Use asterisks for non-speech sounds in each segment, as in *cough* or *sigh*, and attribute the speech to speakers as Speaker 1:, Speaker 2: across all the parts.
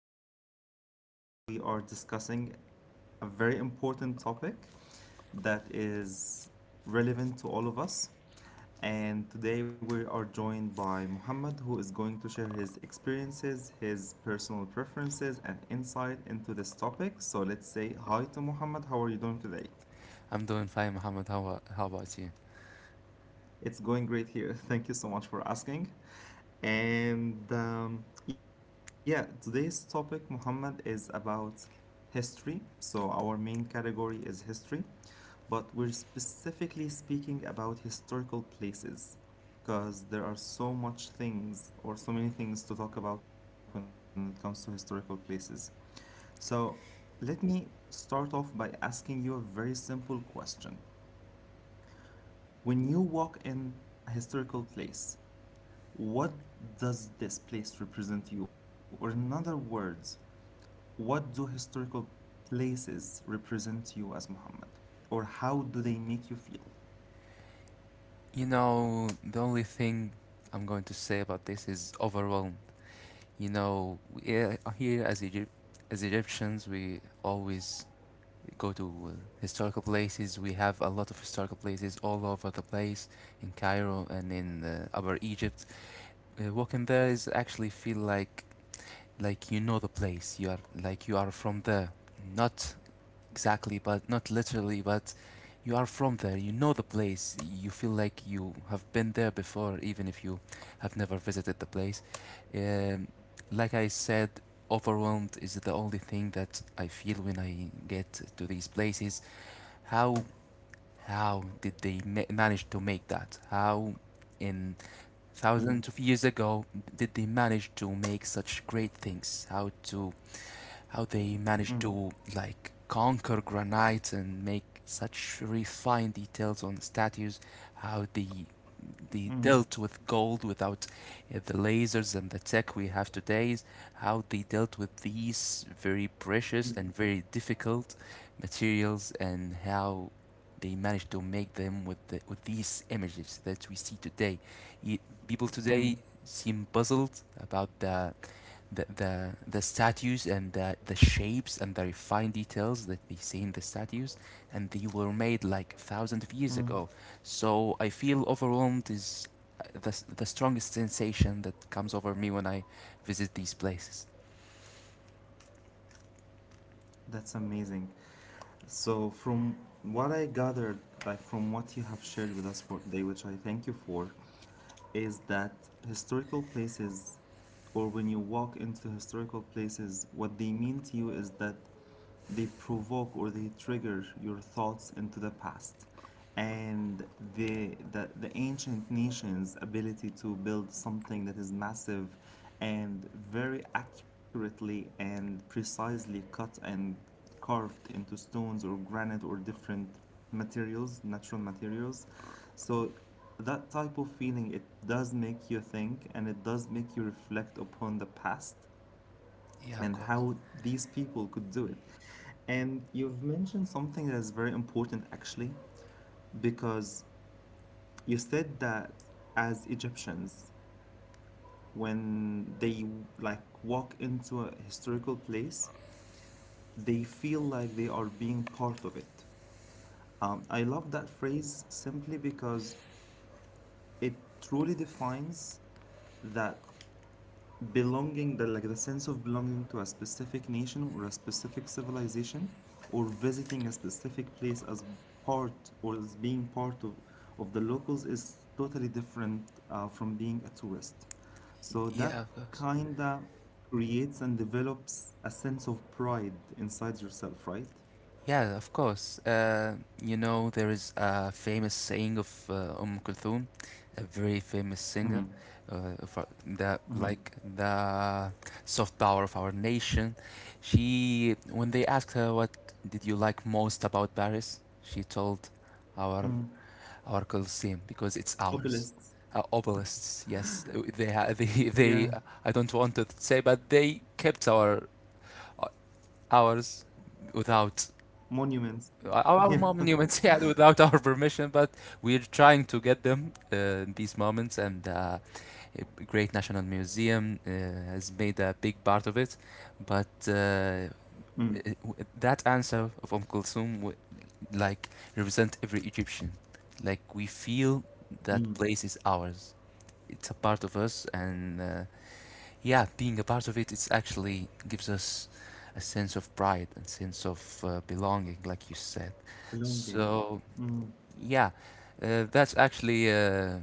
Speaker 1: Muhammad, and today we are discussing a very important topic that is relevant to all of us. And today we are joined by Muhammad, who is going to share his experiences, his personal preferences, and insight into this topic. So let's say hi to Muhammad. How are you doing today?
Speaker 2: I'm doing fine, Mohammed. How about you?
Speaker 1: It's going great here. *laughs* Thank you so much for asking. And yeah, today's topic, Muhammad, is about history. So, our main category is history, but we're specifically speaking about historical places because there are so many things to talk about when it comes to historical places. So, let me start off by asking you a very simple question. When you walk in a historical place, what does this place represent you? Or, in other words, what do historical places represent you as Muhammad? Or how do they make you feel?
Speaker 2: You know, the only thing I'm going to say about this is overwhelmed. You know, here as, Egypt, as Egyptians, we always go to historical places. We have a lot of historical places all over the place in Cairo and in Upper Egypt. Walking there is actually feel like you know the place. You are like you are from there, not exactly, but not literally, but you are from there, you know the place, you feel like you have been there before, even if you have never visited the place. Um, like I said, overwhelmed is the only thing that I feel when I get to these places. How how did they manage to make that? How in
Speaker 1: Mm,
Speaker 2: thousands of years ago did they manage to make such great things? How they managed
Speaker 1: mm,
Speaker 2: to like conquer granite and make such refined details on statues, how they dealt
Speaker 1: mm,
Speaker 2: with gold without the lasers and the tech we have today, how they dealt with these very
Speaker 1: mm,
Speaker 2: precious and very difficult materials, and how they managed to make them with with these images that we see today. Y People
Speaker 1: mm,
Speaker 2: today seem puzzled about the statues and the shapes and the refined details that we see in the statues and they were made like thousands of years
Speaker 1: mm.
Speaker 2: ago. So I feel overwhelmed is uh, the, the strongest sensation that comes over me when I visit these places.
Speaker 1: That's amazing. So, from what I gathered, like from what you have shared with us for today, which I thank you for, is that historical places, or when you walk into historical places, what they mean to you is that they provoke or they trigger your thoughts into the past, and the ancient nations ability to build something that is massive and very accurately and precisely cut and carved into stones or granite or different materials, natural materials. So that type of feeling, it does make you think and it does make you reflect upon the past
Speaker 2: Yeah, of
Speaker 1: and
Speaker 2: course.
Speaker 1: how these people could do it. And you've mentioned something that's very important actually, because you said that as Egyptians, when they like walk into a historical place, they feel like they are being part of it. I love that phrase simply because it truly defines that belonging, the like the sense of belonging to a specific nation or a specific civilization or visiting a specific place as part or as being part of the locals is totally different, from being a tourist. So that
Speaker 2: Yeah, of course.
Speaker 1: kinda creates and develops a sense of pride inside yourself, right?
Speaker 2: Yeah, of course. You know, there is a famous saying of Kulthum, a very famous singer,
Speaker 1: Mm-hmm.
Speaker 2: of
Speaker 1: Mm-hmm.
Speaker 2: the soft power of our nation. She, when they asked her what did you like most about Paris, she told our
Speaker 1: Hmm.
Speaker 2: our Colosseum because it's ours.
Speaker 1: Obelisks.
Speaker 2: Obelisks, yes, *laughs* they they.
Speaker 1: Yeah.
Speaker 2: I don't want to say, but they kept our uh, ours without
Speaker 1: Monuments. *laughs*
Speaker 2: our
Speaker 1: Yeah.
Speaker 2: mom knew in Seattle *laughs* without our permission, but we're trying to get them in these moments. And a Great National Museum has made a big part of it. But
Speaker 1: Mm,
Speaker 2: that answer of Kulthum, like, represent every Egyptian. Like, we feel that
Speaker 1: mm.
Speaker 2: place is ours. It's a part of us, and yeah, being a part of it, it's actually gives us a sense of pride and sense of belonging, like you said.
Speaker 1: Belonging.
Speaker 2: So
Speaker 1: Mm.
Speaker 2: yeah, that's actually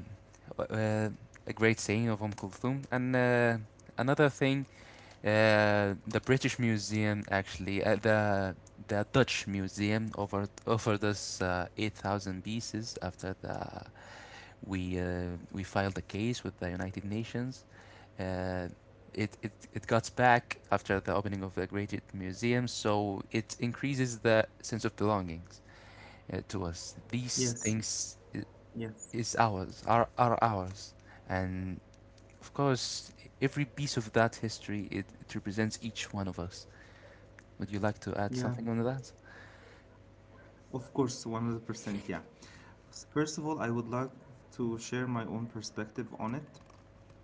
Speaker 2: w- uh, a great saying of Kulthum. And another thing, the British Museum actually, the Dutch Museum offered us 8,000 pieces after the we filed a case with the United Nations. uh, it got back after the opening of the Great Museum, so it increases the sense of belongings to us.
Speaker 1: Yes,
Speaker 2: These things
Speaker 1: yes.
Speaker 2: is ours, are, are ours. And of course, every piece of that history, it represents each one of us. Would you like to add
Speaker 1: Yeah,
Speaker 2: something on that?
Speaker 1: of course, 100%. Yeah. First of all, I would like to share my own perspective on it.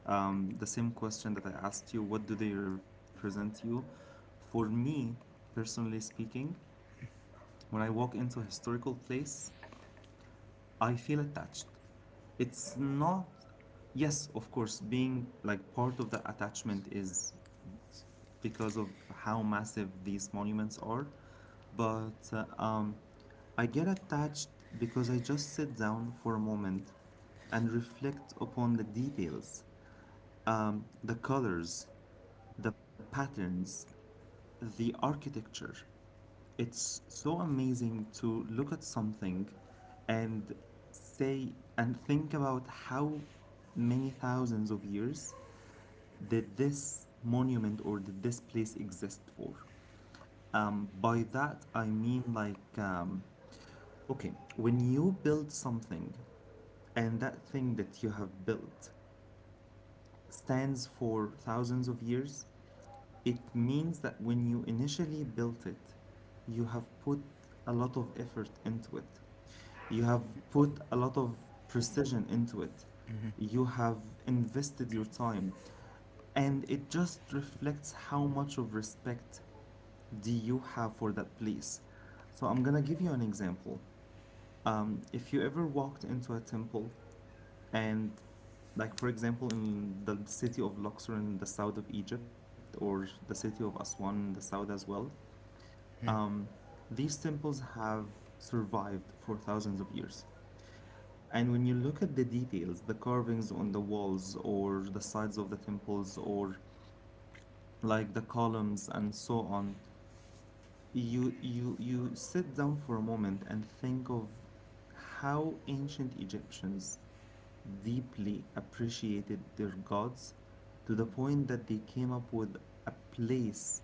Speaker 1: The same question that I asked you, what do they represent you? For me, personally speaking, when I walk into a historical place, I feel attached. It's not, yes, of course, being like part of the attachment is because of how massive these monuments are, but I get attached because I just sit down for a moment and reflect upon the details, the colors, the patterns, the architecture. It's so amazing to look at something and say and think about how many thousands of years did this monument or did this place exist for. By that, I mean, like, okay, when you build something and that thing that you have built stands for thousands of years, it means that when you initially built it, you have put a lot of effort into it. You have put a lot of precision into it.
Speaker 2: Mm-hmm.
Speaker 1: You have invested your time. And it just reflects how much of respect do you have for that place. So I'm gonna give you an example. If you ever walked into a temple and, like, for example, in the city of Luxor in the south of Egypt, or the city of Aswan in the south as well, um, these temples have survived for thousands of years. And when you look at the details, the carvings on the walls or the sides of the temples or like the columns and so on, you sit down for a moment and think of how ancient Egyptians deeply appreciated their gods to the point that they came up with a place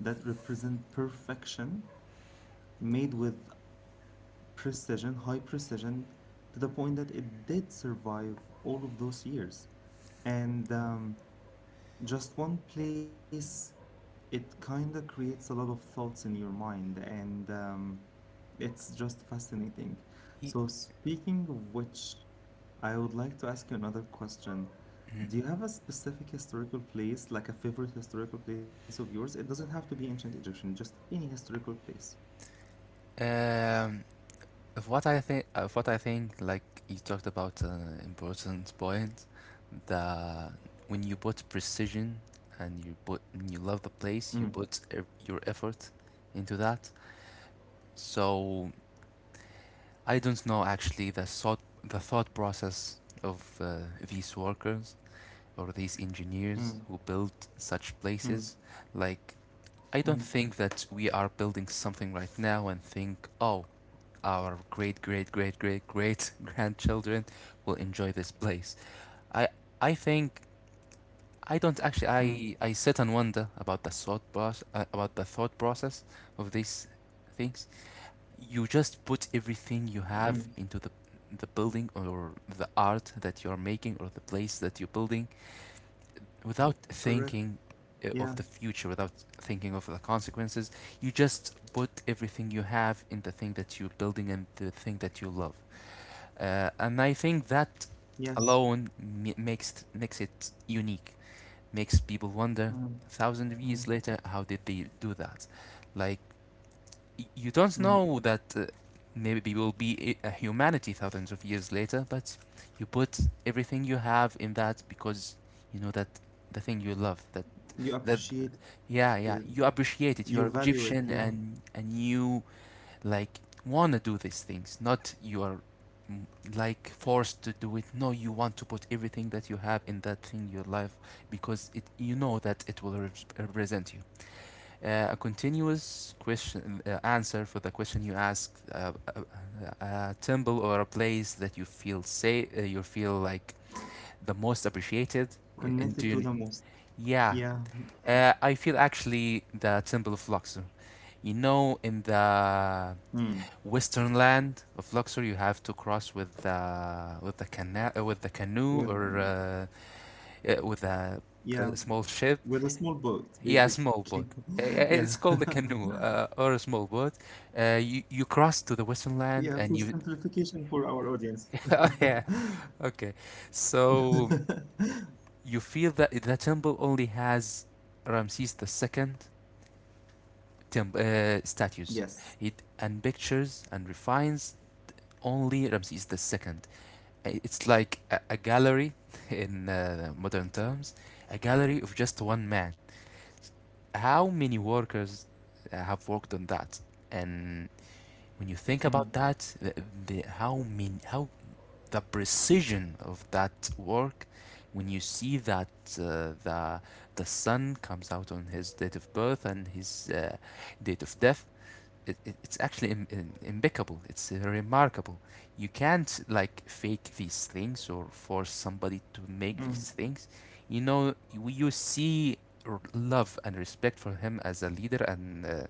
Speaker 1: that represent perfection, made with precision high precision to the point that it did survive all of those years. And just one place, it kind of creates a lot of thoughts in your mind, and it's just fascinating. So, speaking of which, I would like to ask you another question.
Speaker 2: Mm-hmm.
Speaker 1: Do you have a specific historical place, like a favorite historical place of yours? It doesn't have to be ancient Egyptian, just any historical place.
Speaker 2: Um, Of what I think, of what I think, like you talked about an important point, that when you put precision and you put and you love the place, your effort into that. So I don't know actually the thought process of these workers or these engineers
Speaker 1: Mm,
Speaker 2: who build such places.
Speaker 1: mm,
Speaker 2: Like I don't
Speaker 1: mm,
Speaker 2: think that we are building something right now and think, oh, our great great great great great *laughs* grandchildren will enjoy this place. I I think
Speaker 1: mm,
Speaker 2: I don't actually I sit and wonder about the thought process about the thought process of these things. You just put
Speaker 1: mm.
Speaker 2: everything you have into the building or the art that you're making or the place that you're building without
Speaker 1: Correct.
Speaker 2: thinking
Speaker 1: Yeah,
Speaker 2: of the future without thinking of the consequences. You just put everything you have in the thing that you're building and the thing that you love, and I think that
Speaker 1: yes.
Speaker 2: alone makes it unique. Makes people wonder
Speaker 1: Mm,
Speaker 2: a thousand
Speaker 1: mm,
Speaker 2: years later how did they do that? Like you don't
Speaker 1: mm.
Speaker 2: know that maybe will be a humanity thousands of years later, but you put everything you have in that because you know that the thing you love that
Speaker 1: You
Speaker 2: that
Speaker 1: appreciate it,
Speaker 2: yeah, yeah, you
Speaker 1: you
Speaker 2: appreciate
Speaker 1: value
Speaker 2: it.
Speaker 1: it,
Speaker 2: You are
Speaker 1: yeah.
Speaker 2: Egyptian, and you like wanna do these things, not you are, mm, like forced to do it. No, you want to put everything that you have in that thing, your life, because it you know that it will represent you. Uh, a continuous question uh, answer for the question you asked, a, temple or a place that you feel say, you feel like the most appreciated I-
Speaker 1: Connected to
Speaker 2: into
Speaker 1: the most.
Speaker 2: yeah.
Speaker 1: Yeah.
Speaker 2: I feel actually the temple of Luxor. You know, in the
Speaker 1: Mm.
Speaker 2: western land of Luxor, you have to cross with the with the canoe
Speaker 1: With,
Speaker 2: or with a
Speaker 1: yeah.
Speaker 2: small ship.
Speaker 1: With a small boat,
Speaker 2: Yeah, a small
Speaker 1: basically.
Speaker 2: boat.
Speaker 1: *laughs* Yeah.
Speaker 2: It's called a
Speaker 1: *laughs*
Speaker 2: canoe or a small boat. You you cross to the western land
Speaker 1: Yeah, for
Speaker 2: and you.
Speaker 1: simplification for our audience.
Speaker 2: *laughs* Oh, yeah. Okay. So
Speaker 1: *laughs*
Speaker 2: you feel that the temple only has Ramses the second temple statues.
Speaker 1: Yes.
Speaker 2: It and pictures and refines only Ramses the second. It's like a gallery in modern terms, a gallery of just one man. How many workers have worked on that? And when you think about
Speaker 1: Mm,
Speaker 2: that, the how mean how the precision of that work, when you see that uh, the the sun comes out on his date of birth and his date of death, it's actually impeccable. It's remarkable. You can't like fake these things or force somebody to make these
Speaker 1: mm,
Speaker 2: things. You know, you see love and respect for him as a leader and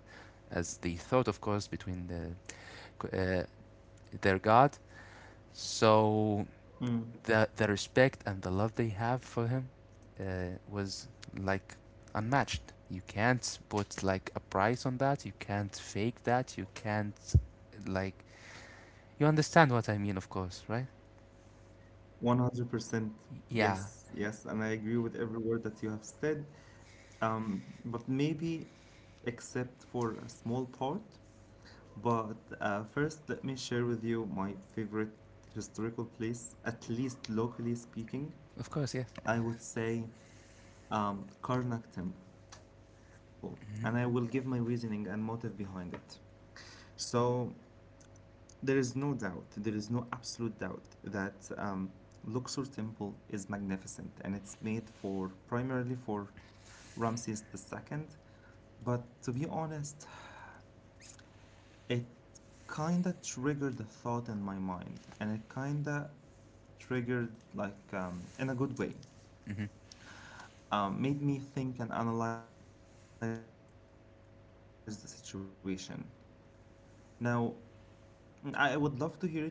Speaker 2: as the thought, of course, between uh, their God. So
Speaker 1: mm.
Speaker 2: the respect and the love they have for him was like unmatched. You can't put like a price on that. You can't fake that. You can't like you understand what I mean, of course, right?
Speaker 1: 100%.
Speaker 2: Yeah,
Speaker 1: Yes, yes, and I agree with every word that you have said. But maybe except for a small part. But first, let me share with you my favorite historical place, at least locally speaking.
Speaker 2: of course, yes.
Speaker 1: I would say Karnak temple, and I will give my reasoning and motive behind it. So there is no doubt, there is no absolute doubt that Luxor temple is magnificent, and it's made for primarily for Ramses the Second. But to be honest, it kinda triggered the thought in my mind, and it kinda triggered, like, in a good way,
Speaker 2: Hmm.
Speaker 1: made me think and analyze the situation. Now, I would love to hear it from you, but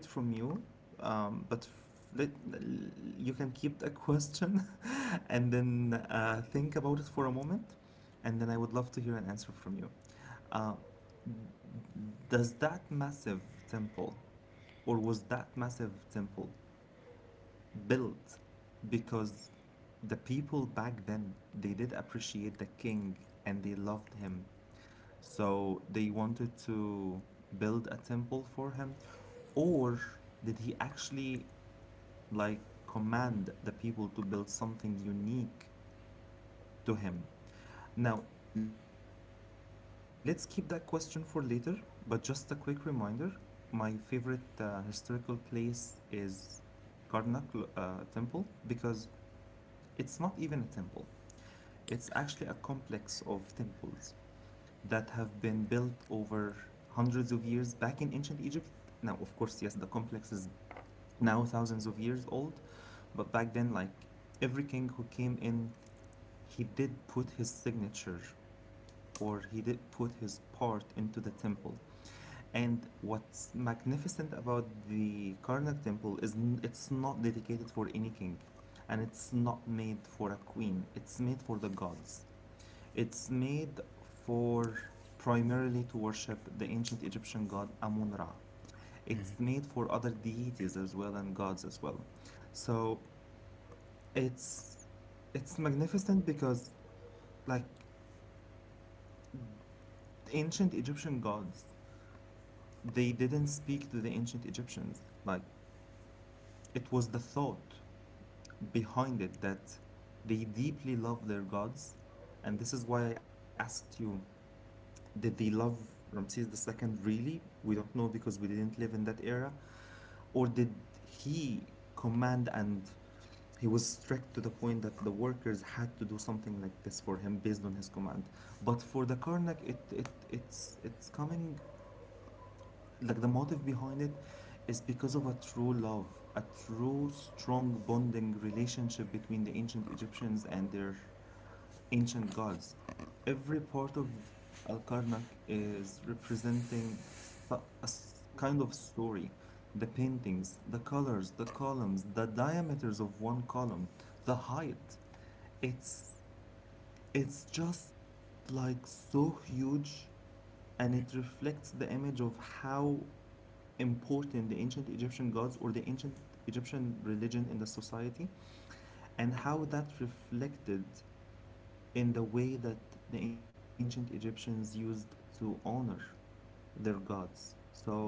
Speaker 1: you can keep the question *laughs* and then think about it for a moment, and then I would love to hear an answer from you. Uh, does that massive temple, or was that massive temple built because the people back then they did appreciate the king and they loved him, so they wanted to build a temple for him, or did he actually like command the people to build something unique to him? Now, let's keep that question for later, but just a quick reminder, my favorite historical place is Karnak temple because it's not even a temple. It's actually a complex of temples that have been built over hundreds of years back in ancient Egypt. Now, of course, yes, the complex is now thousands of years old, but back then, like every king who came in, he did put his signature or he did put his part into the temple. And what's magnificent about the Karnak temple is, it's not dedicated for any king and it's not made for a queen, it's made for the gods. It's made for primarily to worship the ancient Egyptian god Amun Ra. It's
Speaker 2: Hmm.
Speaker 1: made for other deities as well and gods as well. So it's it's magnificent because, like, ancient Egyptian gods, they didn't speak to the ancient Egyptians. Like, it was the thought behind it that they deeply love their gods, and this is why I asked you: did they love Ramses the Second, really? We don't know because we didn't live in that era. Or did he command, and he was strict to the point that the workers had to do something like this for him based on his command. But for the Karnak, it's coming, like, the motive behind it is because of a true love, a true strong bonding relationship between the ancient Egyptians and their ancient gods. Every part of Alkarnak is representing kind of story. The paintings, the colors, the columns, the diameters of one column, the height. It's it's just like so huge, and it reflects the image of how important the ancient Egyptian gods or the ancient Egyptian religion in the society and how that reflected in the way that the ancient Egyptians used to honor their gods. So,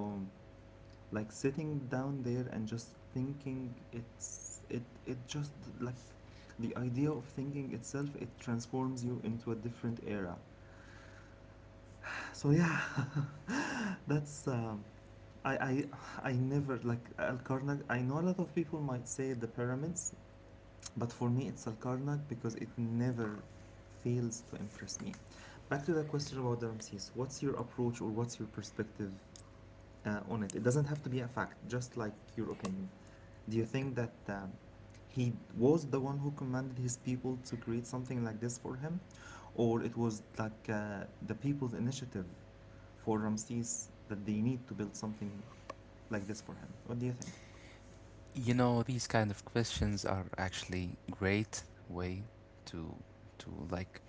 Speaker 1: like, sitting down there and just thinking, it's it it just like the idea of thinking itself, it transforms you into a different era. So yeah, *laughs* that's I I never like Al Karnak. I know a lot of people might say the pyramids. But for me, it's Salkarnak because it never fails to impress me. Back to the question about the Ramses. What's your approach or what's your perspective on it? It doesn't have to be a fact, just like your opinion. Do you think that he was the one who commanded his people to create something like this for him, or it was like the people's initiative for Ramses that they need to build something like this for him? What do you think?
Speaker 2: You know, these kind of questions are actually great way to to like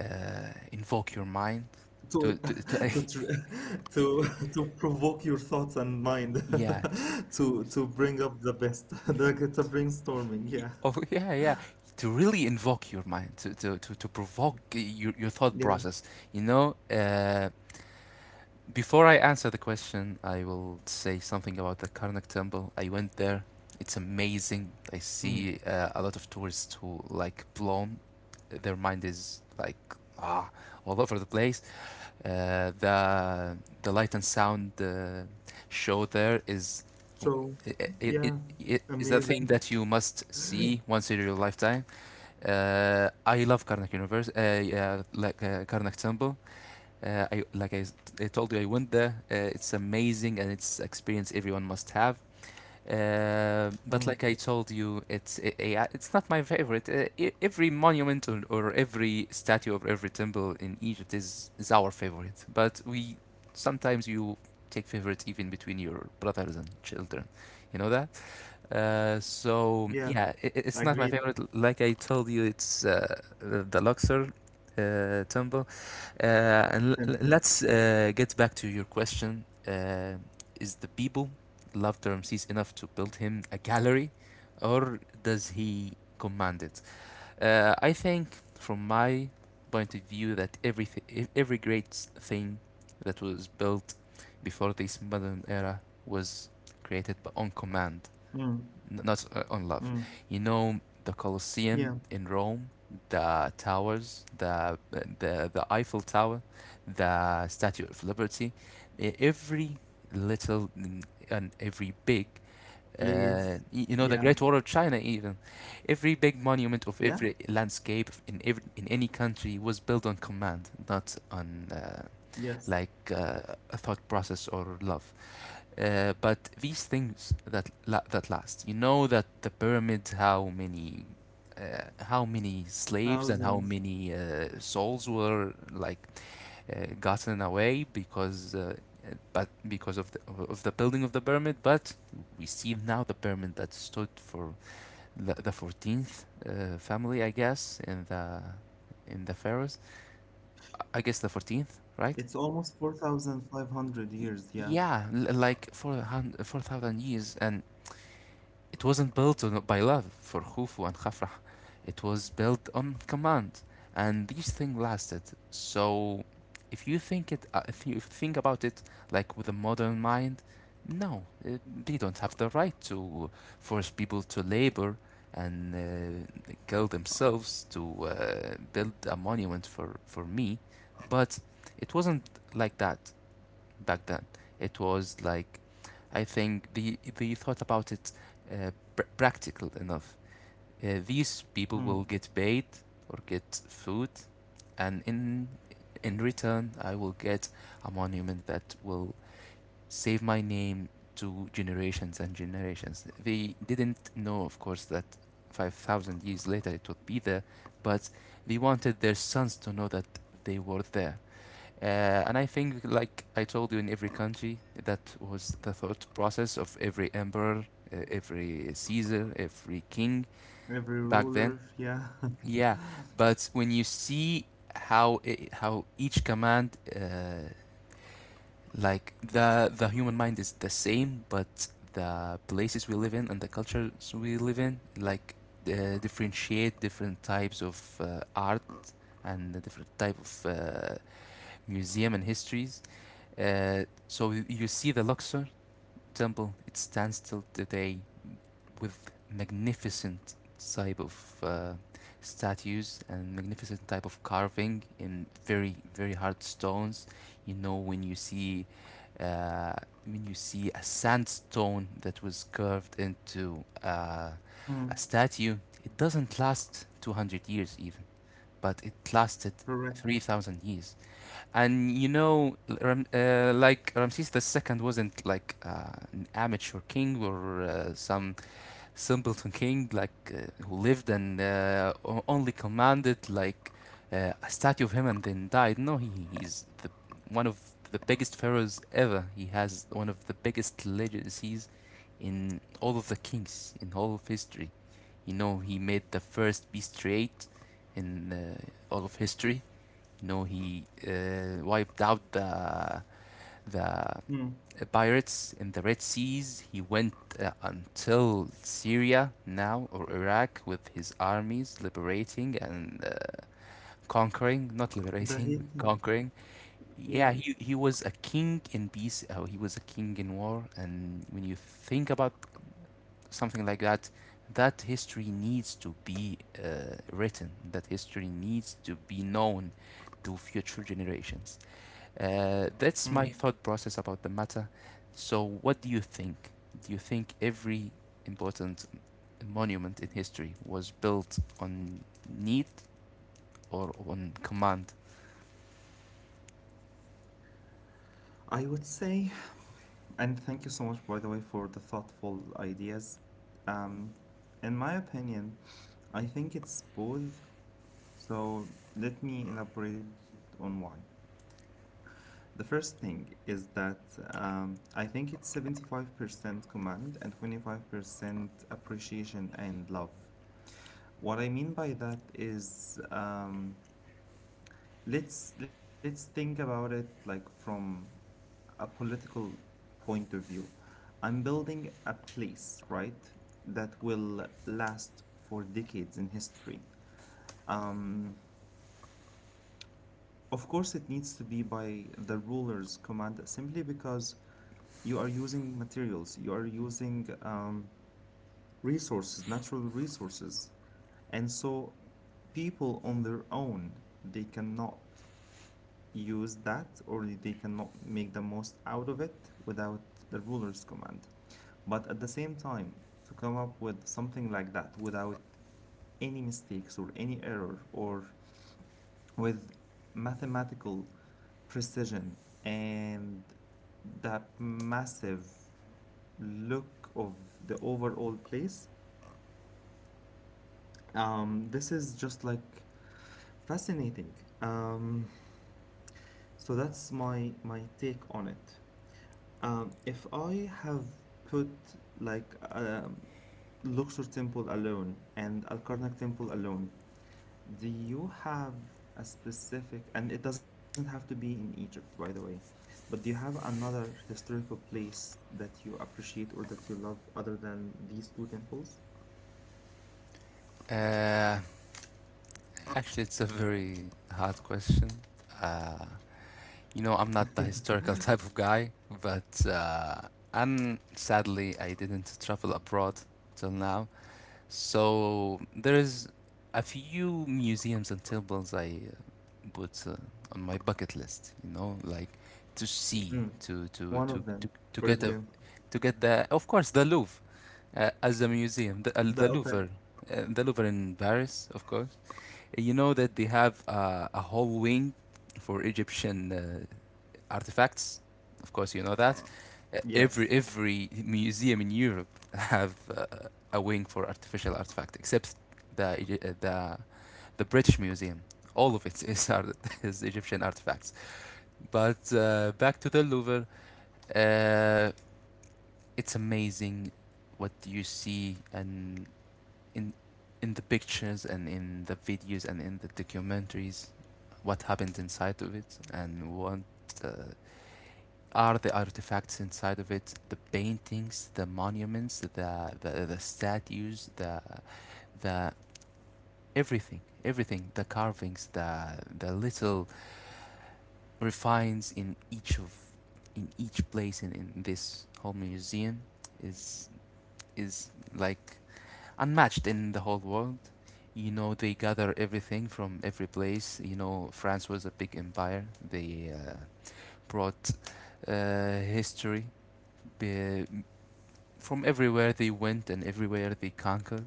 Speaker 2: invoke your mind
Speaker 1: To *laughs*
Speaker 2: to
Speaker 1: to tr- *laughs* to *laughs* to provoke your thoughts and mind.
Speaker 2: *laughs* yeah. t-
Speaker 1: *laughs* To bring up the best. *laughs* Like, it's a brainstorming, yeah.
Speaker 2: Oh, *laughs* yeah, yeah. To really invoke your mind, to to provoke your thought
Speaker 1: Yeah.
Speaker 2: process. You know, before I answer the question, I will say something about the Karnak Temple. I went there. It's amazing. I
Speaker 1: Mm.
Speaker 2: see a lot of tourists who like blown. Their mind is like ah all over the place. Uh, the the light and sound show there is
Speaker 1: So,
Speaker 2: it, it,
Speaker 1: yeah.
Speaker 2: it, it is the thing
Speaker 1: Amazing.
Speaker 2: that you must see once in your lifetime. I love Karnak Universe, yeah, like Karnak Temple. Uh, I like I, s- I told you, I went there. It's amazing and it's experience everyone must have. But
Speaker 1: Mm.
Speaker 2: like I told you, it's not my favorite. E- every monument or every statue or every temple in Egypt is our favorite. But we sometimes you take favorites even between your brothers and children. You know that? So
Speaker 1: Yeah,
Speaker 2: yeah, I it's not my
Speaker 1: agreed.
Speaker 2: favorite. Like I told you, it's the Luxor temple.
Speaker 1: Simple.
Speaker 2: Let's get back to your question. Is the people loved Ramses enough to build him a gallery, or does he command it? I think, from my point of view, that everything, every great thing that was built before this modern era was created on command,
Speaker 1: Mm.
Speaker 2: N- not on
Speaker 1: Mm.
Speaker 2: love. You know the
Speaker 1: Yeah,
Speaker 2: Colosseum in Rome, the towers, the the Eiffel Tower, the Statue of Liberty, every little and every big.
Speaker 1: please.
Speaker 2: You know the
Speaker 1: Yeah,
Speaker 2: Great Wall of China. Even every big monument of
Speaker 1: yeah,
Speaker 2: every landscape in every in any country was built on command, not on
Speaker 1: yes.
Speaker 2: like uh, a thought process or love. But these things that that last, you know that the pyramid, how many slaves and how
Speaker 1: Thousands.
Speaker 2: many souls were like gotten away because, but because of the building of the pyramid. But we see now the pyramid that stood for the 14th family, I guess, in the pharaohs. I guess the 14th, right?
Speaker 1: It's almost 4,500 years, yeah.
Speaker 2: Yeah, like for 4,000 years, and it wasn't built on, by love for Khufu and Khafrah. It was built on command, and these things lasted. So, if you think if you think about it, like with a modern mind, no, they don't have the right to force people to labor and kill themselves to build a monument for me. But it wasn't like that back then. It was like, I think they thought about it uh, practical enough. These people will
Speaker 1: Mm.
Speaker 2: get paid or get food, and in return, I will get a monument that will save my name to generations and generations. They didn't know, of course, that 5,000 years later it would be there, but they wanted their sons to know that they were there. Uh, and I think, like I told you, in every country, that was the thought process of every emperor, every Caesar, every king
Speaker 1: Every
Speaker 2: back then.
Speaker 1: ruler, yeah.
Speaker 2: Yeah, but when you see how each command, like the human mind is the same, but the places we live in and the cultures we live in, like differentiate different types of art and the different type of museum and histories, so you see the Luxor temple, it stands till today with magnificent type of statues and magnificent type of carving in very very hard stones. You know uh, when you see a sandstone that was carved into
Speaker 1: *laughs*
Speaker 2: a
Speaker 1: Mm.
Speaker 2: statue, it doesn't last 200 years even, but it lasted
Speaker 1: Correct.
Speaker 2: 3,000 years. And you know, like Ramses the 2nd wasn't like an amateur king or some simpleton king, like who lived and only commanded like a statue of him and then died. No, he's one of the biggest pharaohs ever. He has one of the biggest legacies in all of the kings in all of history. You know, he made the first beast trade in all of history. No, he wiped out the
Speaker 1: Mm.
Speaker 2: pirates in the Red Seas. He went until Syria now or Iraq with his armies, liberating and conquering. Not
Speaker 1: The
Speaker 2: liberating,
Speaker 1: heat
Speaker 2: *laughs*
Speaker 1: is,
Speaker 2: conquering. Yeah,
Speaker 1: yeah.
Speaker 2: he was a king in peace. Oh, he was a king in war. And when you think about something like that, that history needs to be written. That history needs to be known to future generations. That's
Speaker 1: Mm.
Speaker 2: my thought process about the matter. So, what do you think? Do you think every important monument in history was built on need or on command?
Speaker 1: I would say, and thank you so much, by the way, for the thoughtful ideas. Um, in my opinion, I think it's both. So let me elaborate on why. The first thing is that I think it's 75% command and 25% appreciation and love. What I mean by that is let's think about it like from a political point of view. I'm building a place, right, that will last for decades in history. Of course, it needs to be by the ruler's command simply because you are using materials, you are using resources, natural resources. And so people on their own, they cannot use that or they cannot make the most out of it without the ruler's command. But at the same time, to come up with something like that without any mistakes or any error or with mathematical precision and that massive look of the overall place. This is just like fascinating. Um, so that's my take on it. If I have put like um, Luxor Temple alone and Al Karnak Temple alone, do you have a specific, and it doesn't have to be in Egypt, by the way, but do you have another historical place that you appreciate or that you love other than these two temples?
Speaker 2: Uh, Actually, it's a very hard question. Uh, you know, I'm not the historical *laughs* type of guy, but and sadly, I didn't travel abroad till now. So there's a few museums and temples I put on my bucket list. You know, like to see,
Speaker 1: Mm,
Speaker 2: to to
Speaker 1: one
Speaker 2: to
Speaker 1: of them,
Speaker 2: to, to
Speaker 1: for
Speaker 2: get a
Speaker 1: example.
Speaker 2: to get, the of course, the Louvre as a museum,
Speaker 1: The, okay.
Speaker 2: The Louvre in Paris, of course. You know that they have a whole wing for Egyptian artifacts. Of course, you know that.
Speaker 1: Yes.
Speaker 2: Every museum in Europe have a wing for artificial artifact, except the uh, the the British Museum. All of it is art- *laughs* is Egyptian artifacts. But back to the Louvre, uh, it's amazing what you see and in in the pictures and in the videos and in the documentaries, what happened inside of it and what uh, are the artifacts inside of it: the paintings, the monuments, the statues, the everything, everything, the carvings, the little refines in each of, in each place in this whole museum is is like unmatched in the whole world. You know, they gather everything from every place. You know, France was a big empire. They brought history be- from everywhere they went and everywhere they conquered,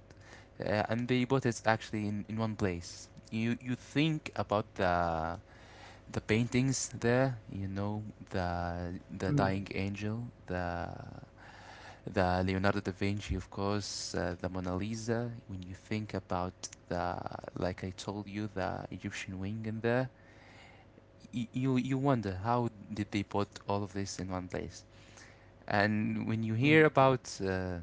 Speaker 2: and they bought it actually in one place. You think about the paintings there, you know, the Dying
Speaker 1: Mm,
Speaker 2: Angel, the Leonardo da Vinci, of course, the Mona Lisa. When you think about the, like I told you, the Egyptian wing in there, you you wonder how did they put all of this in one place. And when you hear
Speaker 1: mm,
Speaker 2: about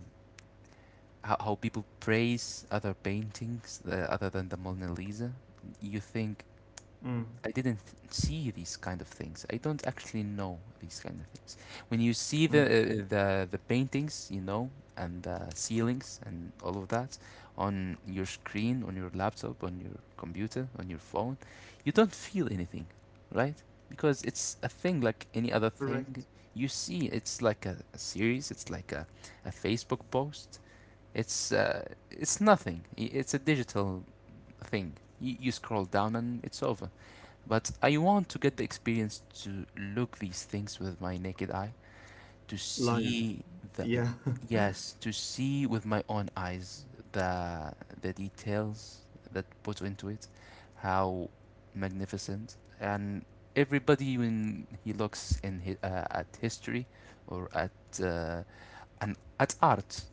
Speaker 2: how people praise other paintings other than the Mona Lisa, you think, I
Speaker 1: mm,
Speaker 2: didn't see these kind of things. I don't actually know these kind of things. When you see the
Speaker 1: mm.
Speaker 2: the paintings, you know, and the ceilings and all of that on your screen, on your laptop, on your computer, on your phone, you don't feel anything, right? Because it's a thing like any other
Speaker 1: Correct.
Speaker 2: thing. You see, it's like a series. It's like a Facebook post. it's uh, it's nothing. It's a digital thing. You scroll down and it's over. But I want to get the experience to look these things with my naked eye, to
Speaker 1: Live.
Speaker 2: see the
Speaker 1: Yeah. *laughs*
Speaker 2: yes, to see with my own eyes the the details that put into it, how magnificent. And everybody, when he looks at history or at an at art,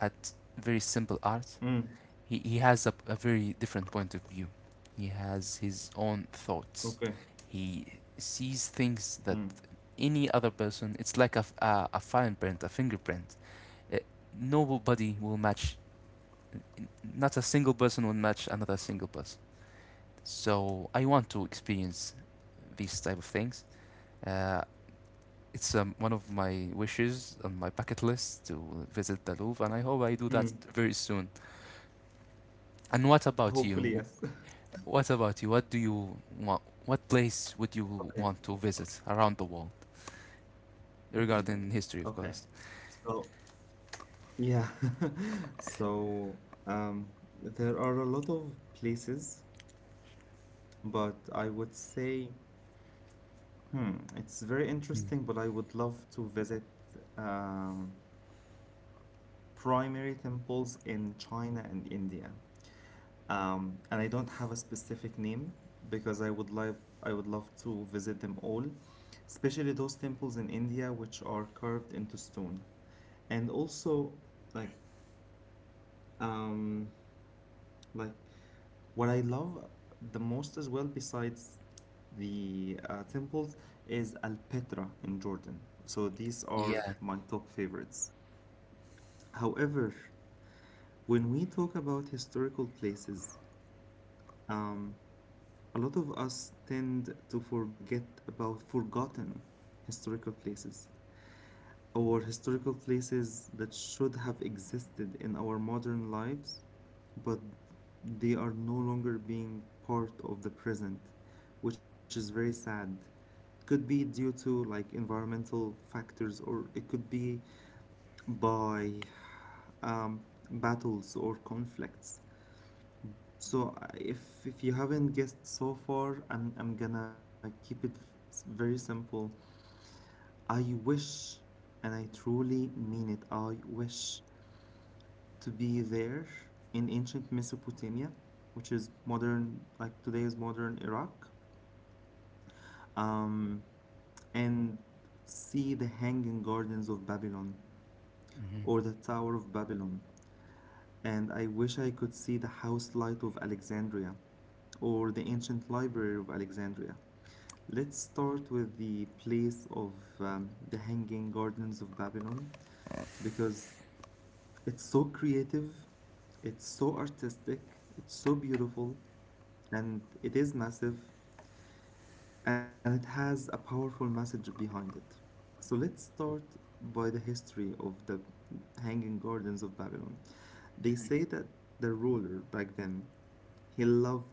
Speaker 2: at very simple art,
Speaker 1: Mm,
Speaker 2: he has a very different point of view. He has his own thoughts.
Speaker 1: okay.
Speaker 2: He sees
Speaker 1: Mm,
Speaker 2: things that any other person, it's like a fingerprint, a fingerprint. Uh, Nobody will match, not a single person will match another single person. So I want to experience these type of things. Uh, it's one of my wishes on my bucket list to visit the Louvre, and I hope I do that
Speaker 1: mm.
Speaker 2: very soon. And what about
Speaker 1: Hopefully,
Speaker 2: you?
Speaker 1: yes. *laughs*
Speaker 2: What about you? What do you want? What place would
Speaker 1: Okay.
Speaker 2: you want to visit around the world,
Speaker 1: Okay.
Speaker 2: regarding history, of
Speaker 1: Okay.
Speaker 2: course?
Speaker 1: So, yeah. *laughs* So, um, there are a lot of places, but I would say, hmm, it's very
Speaker 2: Mm.
Speaker 1: interesting, but I would love to visit um, primary temples in China and India. And I don't have a specific name because I would love to visit them all, especially those temples in India which are carved into stone. And also like um like what I love the most as well besides the temples is Al Petra in Jordan. So these are
Speaker 2: Yeah.
Speaker 1: my top favorites. However, when we talk about historical places, a lot of us tend to forget about forgotten historical places or historical places that should have existed in our modern lives, but they are no longer being part of the present, which is very sad. It could be due to like environmental factors, or it could be by um, battles or conflicts. So if you haven't guessed so far, I'm gonna keep it very simple. I wish, and I truly mean it, I wish to be there in ancient Mesopotamia, which is modern, like today's modern Iraq, um, and see the Hanging Gardens of Babylon
Speaker 2: Mm-hmm.
Speaker 1: or the Tower of Babylon. And I wish I could see the house light of Alexandria or the ancient library of Alexandria. Let's start with the place of the Hanging Gardens of Babylon because it's so creative, it's so artistic, it's so beautiful, and it is massive, and it has a powerful message behind it. So let's start by the history of the Hanging Gardens of Babylon. They say that the ruler back then, he loved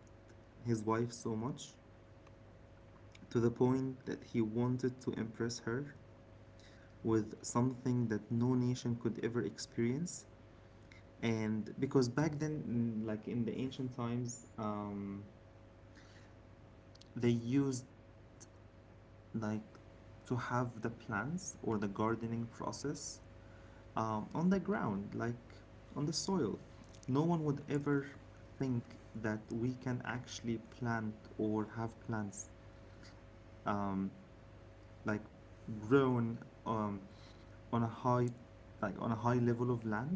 Speaker 1: his wife so much to the point that he wanted to impress her with something that no nation could ever experience. And because back then, like in the ancient times, they used like to have the plants or the gardening process on the ground, like on the soil. No one would ever think that we can actually plant or have plants um, like grown um, on a high like on a high level of land.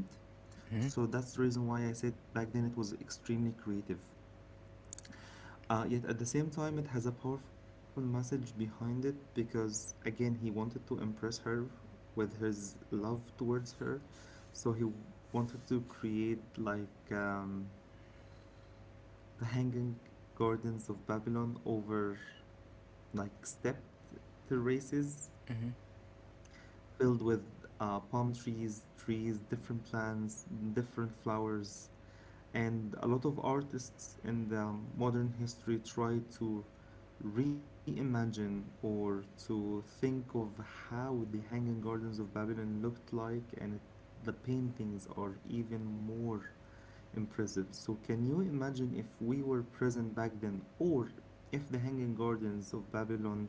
Speaker 2: Mm-hmm.
Speaker 1: So that's the reason why I said back then it was extremely creative. Yet at the same time, it has a powerful message behind it because, again, he wanted to impress her with his love towards her. So wanted to create the Hanging Gardens of Babylon over like stepped terraces
Speaker 2: Mm-hmm.
Speaker 1: filled with palm trees, trees, different plants, different flowers, and a lot of artists in the modern history try to reimagine or to think of how the Hanging Gardens of Babylon looked like, and the paintings are even more impressive. So, can you imagine if we were present back then, or if the Hanging Gardens of Babylon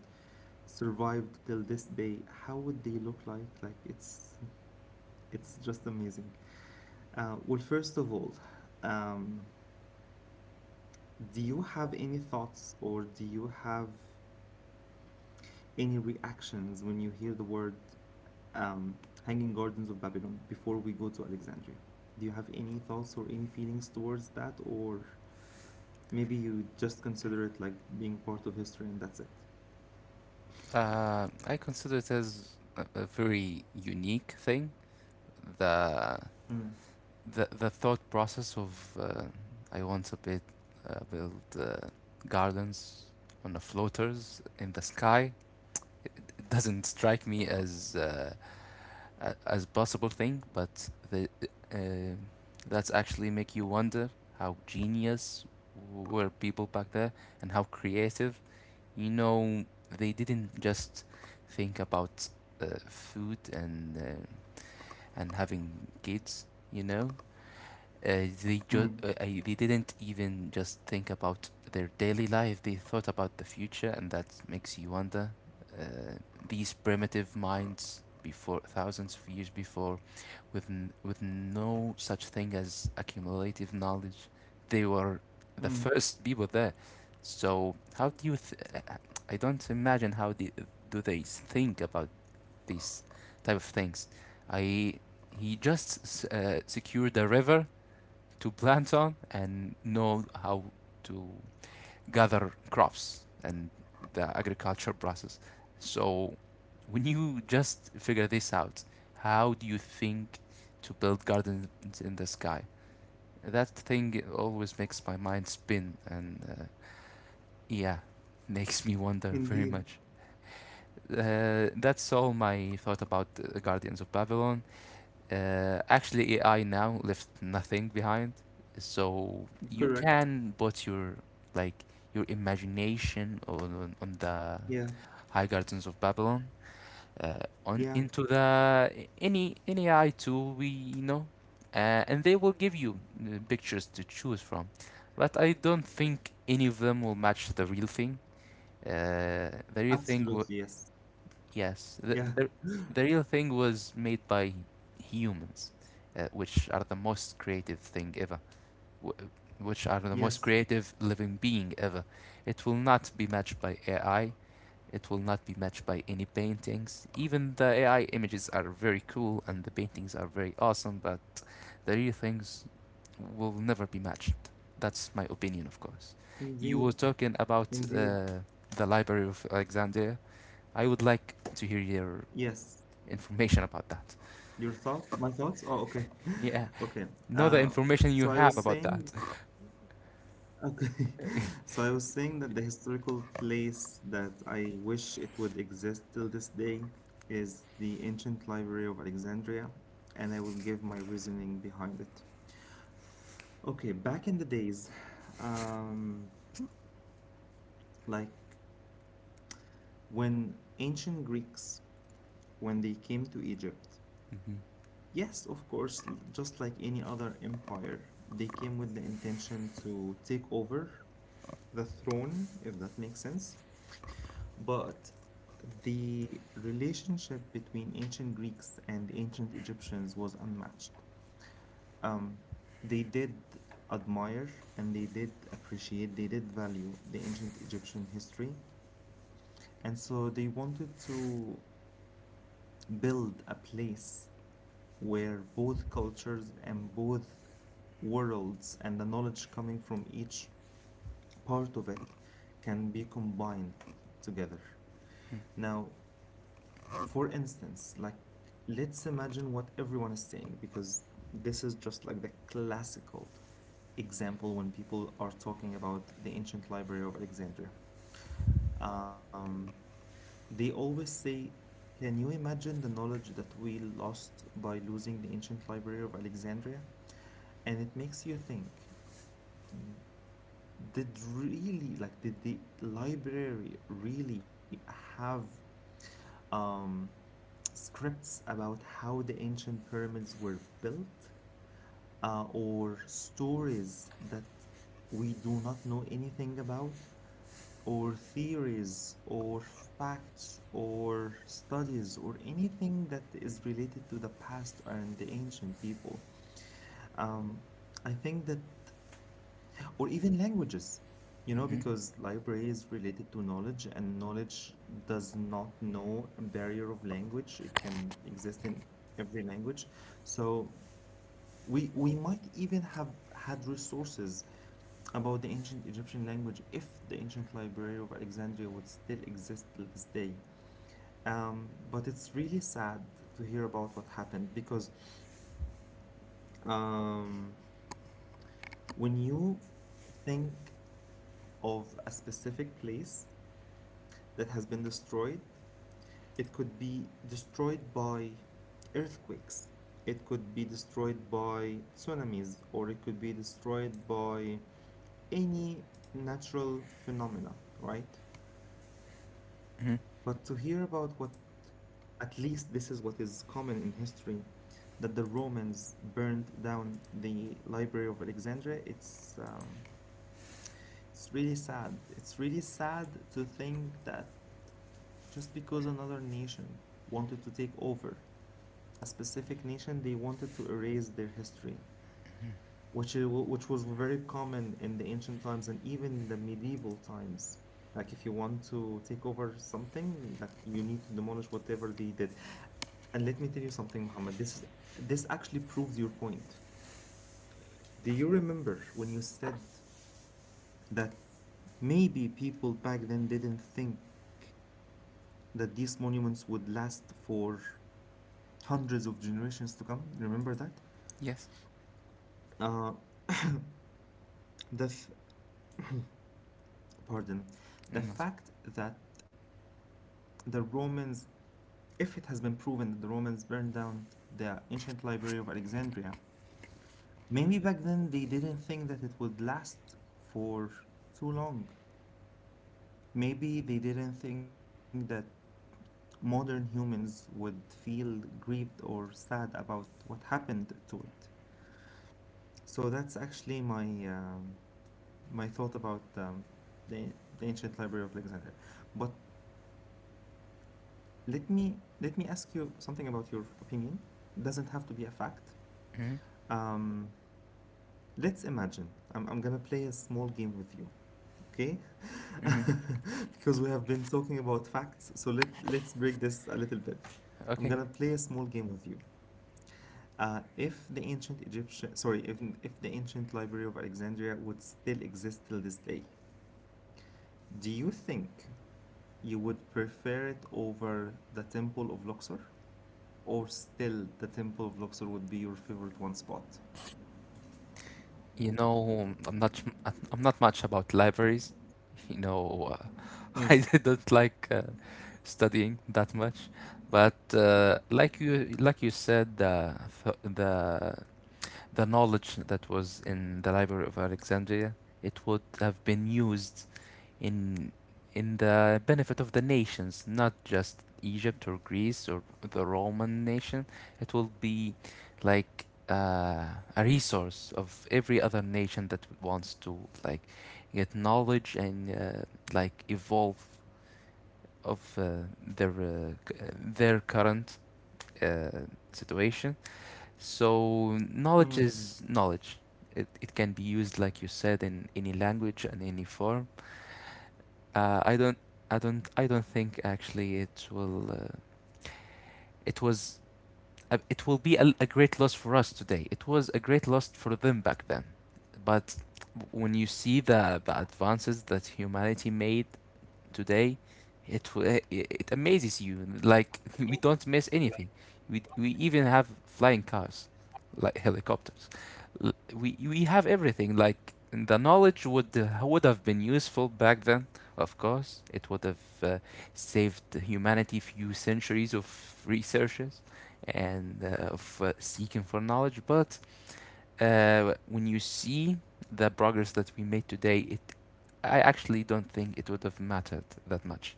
Speaker 1: survived till this day, how would they look like? Like it's just amazing. Well, first of all, um, do you have any thoughts or do you have any reactions when you hear the word um, "Hanging Gardens of Babylon"? Before we go to Alexandria, do you have any thoughts or any feelings towards that, or maybe you just consider it like being part of history and that's it?
Speaker 2: I consider it as a very unique thing. The
Speaker 1: Mm.
Speaker 2: the the thought process of, I want to build gardens on the floaters in the sky, doesn't strike me as possible thing, but uh, that's actually make you wonder how genius were people back there and how creative. You know, they didn't just think about food and having kids. You know, they
Speaker 1: Mm.
Speaker 2: just they didn't even just think about their daily life. They thought about the future, and that makes you wonder. Uh, these primitive minds before thousands of years before, with with no such thing as accumulative knowledge. They were the
Speaker 1: Mm.
Speaker 2: first people there. So how do you? Uh, I don't imagine how the, do they think about these type of things. I, he just secured a river to plant on and know how to gather crops and the agriculture process. So when you just figure this out, how do you think to build gardens in the sky? That thing always makes my mind spin and, yeah, *laughs* makes me wonder very
Speaker 1: Indeed,
Speaker 2: much. That's all my thought about the Guardians of Babylon. Actually, AI now left nothing behind, so you
Speaker 1: correct.
Speaker 2: can put your like your imagination on the
Speaker 1: Yeah,
Speaker 2: High Gardens of Babylon on
Speaker 1: yeah.
Speaker 2: into the any AI tool we know, and they will give you pictures to choose from. But I don't think any of them will match the real thing. The real thing w—
Speaker 1: Absolutely, yes.
Speaker 2: yes,
Speaker 1: Yeah,
Speaker 2: the real thing was made by humans, which are the most creative thing ever, w- which are the most
Speaker 1: yes,
Speaker 2: creative living being ever. It will not be matched by AI. It will not be matched by any paintings. Even the AI images are very cool and the paintings are very awesome, but the real things will never be matched. That's my opinion, of course. You
Speaker 1: indeed,
Speaker 2: were talking about
Speaker 1: indeed,
Speaker 2: the Library of Alexandria. I would like to hear your
Speaker 1: yes.
Speaker 2: information about that. *laughs*
Speaker 1: Your thought, my thoughts? Oh, okay, *laughs*
Speaker 2: Yeah,
Speaker 1: okay.
Speaker 2: know the
Speaker 1: Uh,
Speaker 2: information
Speaker 1: so
Speaker 2: you
Speaker 1: I was
Speaker 2: have about
Speaker 1: saying,
Speaker 2: that.
Speaker 1: okay,
Speaker 2: *laughs*
Speaker 1: *laughs* so I was saying that the historical place that I wish it would exist till this day is the ancient library of Alexandria, and I will give my reasoning behind it. Okay, back in the days, um, like when ancient Greeks, when they came to Egypt,
Speaker 2: Mhm.
Speaker 1: yes, of course, just like any other empire, they came with the intention to take over the throne, if that makes sense. But the relationship between ancient Greeks and ancient Egyptians was unmatched. Um, they did admire and they did appreciate, they did value the ancient Egyptian history. And so they wanted to build a place where both cultures and both worlds and the knowledge coming from each part of it can be combined together. Now, for instance, like let's imagine what everyone is saying because this is just like the classical example when people are talking about the ancient library of Alexandria. Um, They always say, can you imagine the knowledge that we lost by losing the ancient library of Alexandria? And it makes you think, did really, like, did the library really have um, scripts about how the ancient pyramids were built? Or stories that we do not know anything about? Or theories or facts or studies or anything that is related to the past and the ancient people. Um, I think that, or even languages, you know,
Speaker 2: Mhm.
Speaker 1: because library is related to knowledge and knowledge does not know a barrier of language. It can exist in every language. So we might even have had resources about the ancient Egyptian language if the ancient library of Alexandria would still exist till this day. But it's really sad to hear about what happened because um, when you think of a specific place that has been destroyed, it could be destroyed by earthquakes. It could be destroyed by tsunamis, or it could be destroyed by any natural phenomena, right? But to
Speaker 2: Mhm.
Speaker 1: hear about what, at least this is what is common in history, that the Romans burned down the Library of Alexandria, it's really sad. It's really sad to think that just because another nation wanted to take over a specific nation, they wanted to erase their history, which is, which was very common in the ancient times and even the medieval times. Like if you want to take over something, like you need to demolish whatever they did. And let me tell you something, Muhammad. This actually proves your point. Do you remember when you said that maybe people back then didn't think that these monuments would last for hundreds of generations to come? Remember that?
Speaker 2: Yes.
Speaker 1: Uh, the f- pardon, the
Speaker 2: Mm-hmm. Not—
Speaker 1: fact that the Romans if it has been proven that the Romans burned down the ancient library of Alexandria, maybe back then they didn't think that it would last for too long. Maybe they didn't think that modern humans would feel grieved or sad about what happened to it. So that's actually um my thought about the, the ancient library of Alexandria. But let me ask you something about your opinion. It doesn't have to be a fact.
Speaker 2: mhm.
Speaker 1: Um, Let's imagine I'm gonna play a small game with you, okay?
Speaker 2: Mhm.
Speaker 1: *laughs* Because we have been talking about facts, so let's break this a little bit. I'm
Speaker 2: Okay.
Speaker 1: gonna play a small game with you. If the ancient Egyptian, sorry, if the ancient Library of Alexandria would still exist till this day, do you think you would prefer it over the Temple of Luxor, or still the Temple of Luxor would be your favorite one spot?
Speaker 2: You know, I'm not, I'm not much about libraries. *laughs* You know, uh, *laughs* I
Speaker 1: Mm.
Speaker 2: don't like studying that much. But like you, like you said, the knowledge that was in the Library of Alexandria, it would have been used in in the benefit of the nations, not just Egypt or Greece or the Roman nation. It will be like a resource of every other nation that wants to like get knowledge and, like, evolve of their current uh, situation. So knowledge
Speaker 1: Mm.
Speaker 2: is knowledge. It can be used like you said in any language and any form. I don't, I don't think actually it will. It was, it will be a great loss for us today. It was a great loss for them back then, but when you see the advances that humanity made today, it it amazes you. Like *laughs* we don't miss anything. We even have flying cars, like helicopters. We have everything. Like the knowledge would have been useful back then. Of course, it would have saved humanity few centuries of researches and of seeking for knowledge. But when you see the progress that we made today, it I actually don't think it would have mattered that much.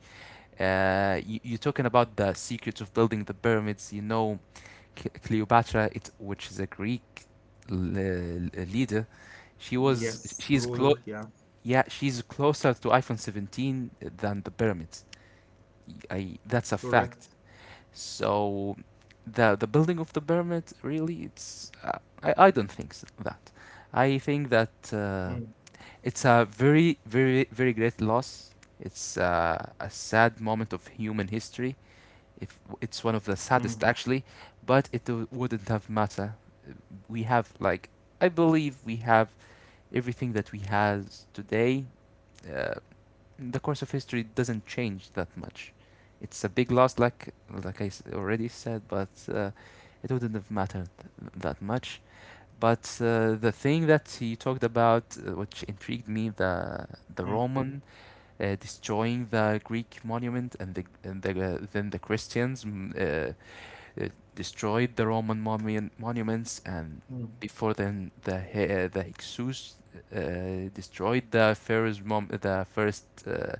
Speaker 2: You're talking about the secrets of building the pyramids. You know, Cleopatra, which is a Greek leader,
Speaker 1: Yes,
Speaker 2: she's close.
Speaker 1: ruler, yeah,
Speaker 2: Yeah, she's closer to iPhone 17 than the pyramids. I That's a fact.
Speaker 1: correct.
Speaker 2: So the building of the pyramid really I don't think that. I think that
Speaker 1: Mm.
Speaker 2: it's a very, very, very great loss. It's a sad moment of human history. If it's one of the saddest actually, but it wouldn't have matter. We have like I believe we have everything that we has today. Uh, the course of history doesn't change that much. It's a big loss, like already said, but it wouldn't have mattered that much. But the thing that you talked about, which intrigued me, the
Speaker 1: Mm.
Speaker 2: Roman destroying the Greek monument, and then the Christians uh, destroyed the Roman monuments, and
Speaker 1: Mm.
Speaker 2: before then the Hyksos destroyed the pharaoh's the first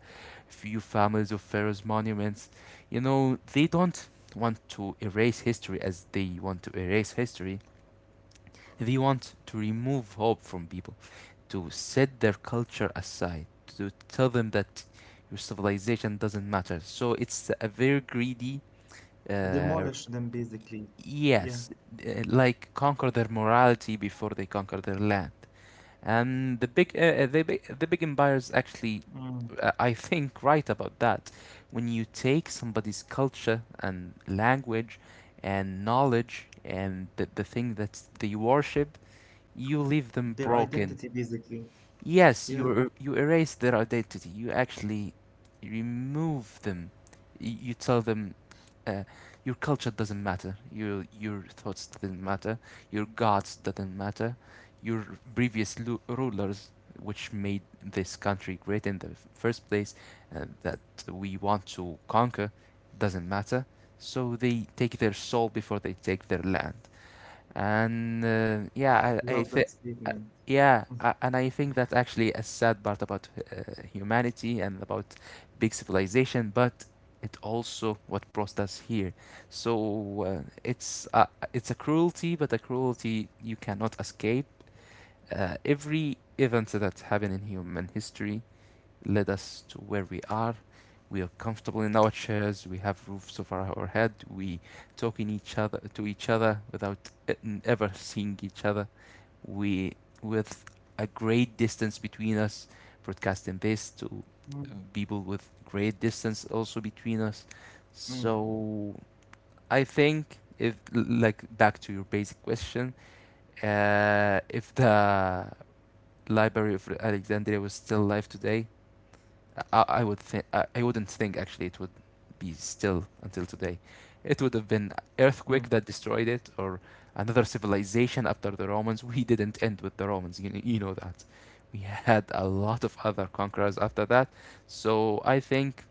Speaker 2: few families of pharaoh's monuments. You know, they don't want to erase history as they want to erase history. They want to remove hope from people, to set their culture aside, to tell them that your civilization doesn't matter. So it's a very greedy
Speaker 1: To demolish
Speaker 2: uh,
Speaker 1: them basically. Yeah.
Speaker 2: Yes, like conquer their morality before they conquer their land. And the big, the big empires actually,
Speaker 1: Mm.
Speaker 2: I think, right about that. When you take somebody's culture and language and knowledge and the thing that they worship, you leave them
Speaker 1: Their
Speaker 2: broken.
Speaker 1: identity basically.
Speaker 2: Yes,
Speaker 1: Yeah.
Speaker 2: you erase their identity. You actually remove them. You tell them uh, your culture doesn't matter. Your thoughts doesn't matter. Your gods doesn't matter. Your previous rulers, which made this country great in the first place, that we want to conquer, doesn't matter. So they take their soul before they take their land. And yeah,
Speaker 1: Love
Speaker 2: I
Speaker 1: that
Speaker 2: think,
Speaker 1: statement.
Speaker 2: yeah, and I think that's actually a sad part about humanity and about big civilization, but it also what brought us here. So it's a cruelty, but a cruelty you cannot escape. Every event that's happened in human history led us to where we are. We are comfortable in our chairs. We have roofs over our head. We talk in each other to each other without e- ever seeing each other. We, with a great distance between us, broadcasting this to
Speaker 1: Mm.
Speaker 2: people with great distance also between us.
Speaker 1: Mm.
Speaker 2: So I think, if like back to your basic question, if the Library of Alexandria was still alive today, I wouldn't think actually it would be still until today. It would have been
Speaker 1: Mm.
Speaker 2: earthquake that destroyed it, or another civilization after the Romans. We didn't end with the Romans. You know that. We had a lot of other conquerors after that. So I think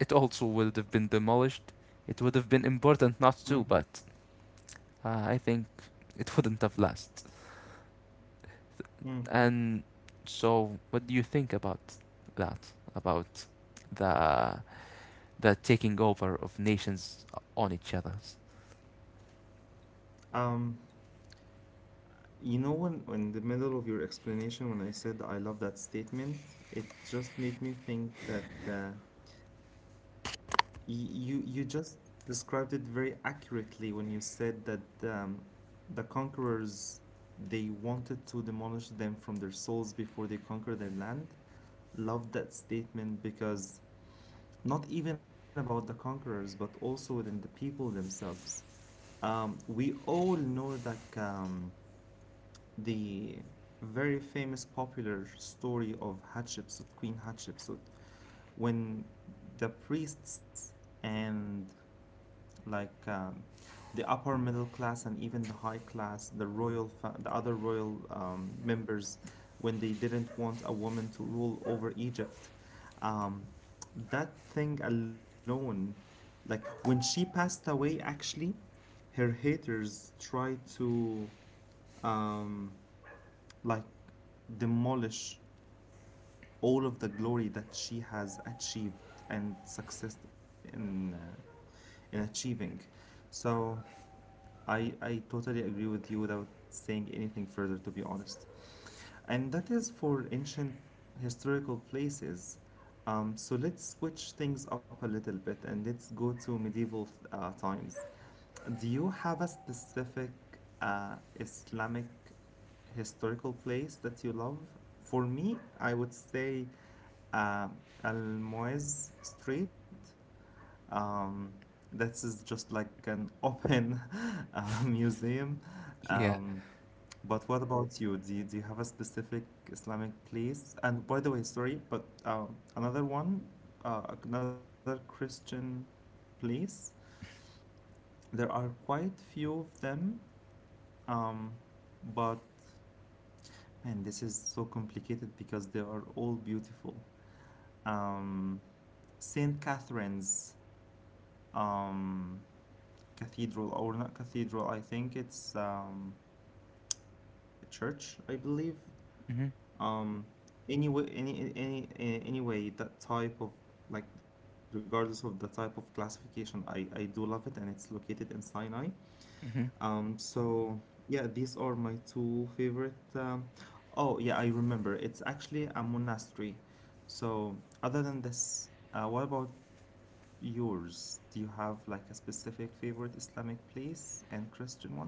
Speaker 2: it also would have been demolished. It would have been important not
Speaker 1: Mm.
Speaker 2: to, but I think it wouldn't have lasted.
Speaker 1: Mm.
Speaker 2: And so, what do you think about that? About the the taking over of nations on each other.
Speaker 1: Um, you know when in the middle of your explanation when I said I love that statement, it just made me think that you you just described it very accurately when you said that the conquerors they wanted to demolish them from their souls before they conquer their land. Love that statement because not even about the conquerors, but also within the people themselves. We all know that the very famous popular story of Hatshepsut, Queen Hatshepsut, when the priests and like um, the upper middle class and even the high class, the royal, the other royal members, when they didn't want a woman to rule over Egypt, um, that thing alone, like when she passed away, actually, her haters tried to um, like demolish all of the glory that she has achieved and success in achieving. So I totally agree with you without saying anything further, to be honest. And that is for ancient historical places. So let's switch things up a little bit and let's go to medieval times. Do you have a specific Islamic historical place that you love? For me, I would say uh, Al Muez Street, um, this is just like an open *laughs* museum.
Speaker 2: Yeah.
Speaker 1: Um, but what about you? Do you have a specific Islamic place? And by the way, sorry, but another one, another Christian place. There are quite few of them, um, but man, this is so complicated because they are all beautiful. Um, Saint Catherine's. Um, cathedral or not cathedral, I think it's a church, I believe.
Speaker 2: Hmm.
Speaker 1: um anyway, anyway, that type of, like, regardless of the type of classification, I do love it, and it's located in Sinai.
Speaker 2: Hmm.
Speaker 1: So yeah, these are my two favorite. Oh yeah, I remember, it's actually a monastery. So other than this, what about yours? Do you have like a specific favorite Islamic place and Christian one?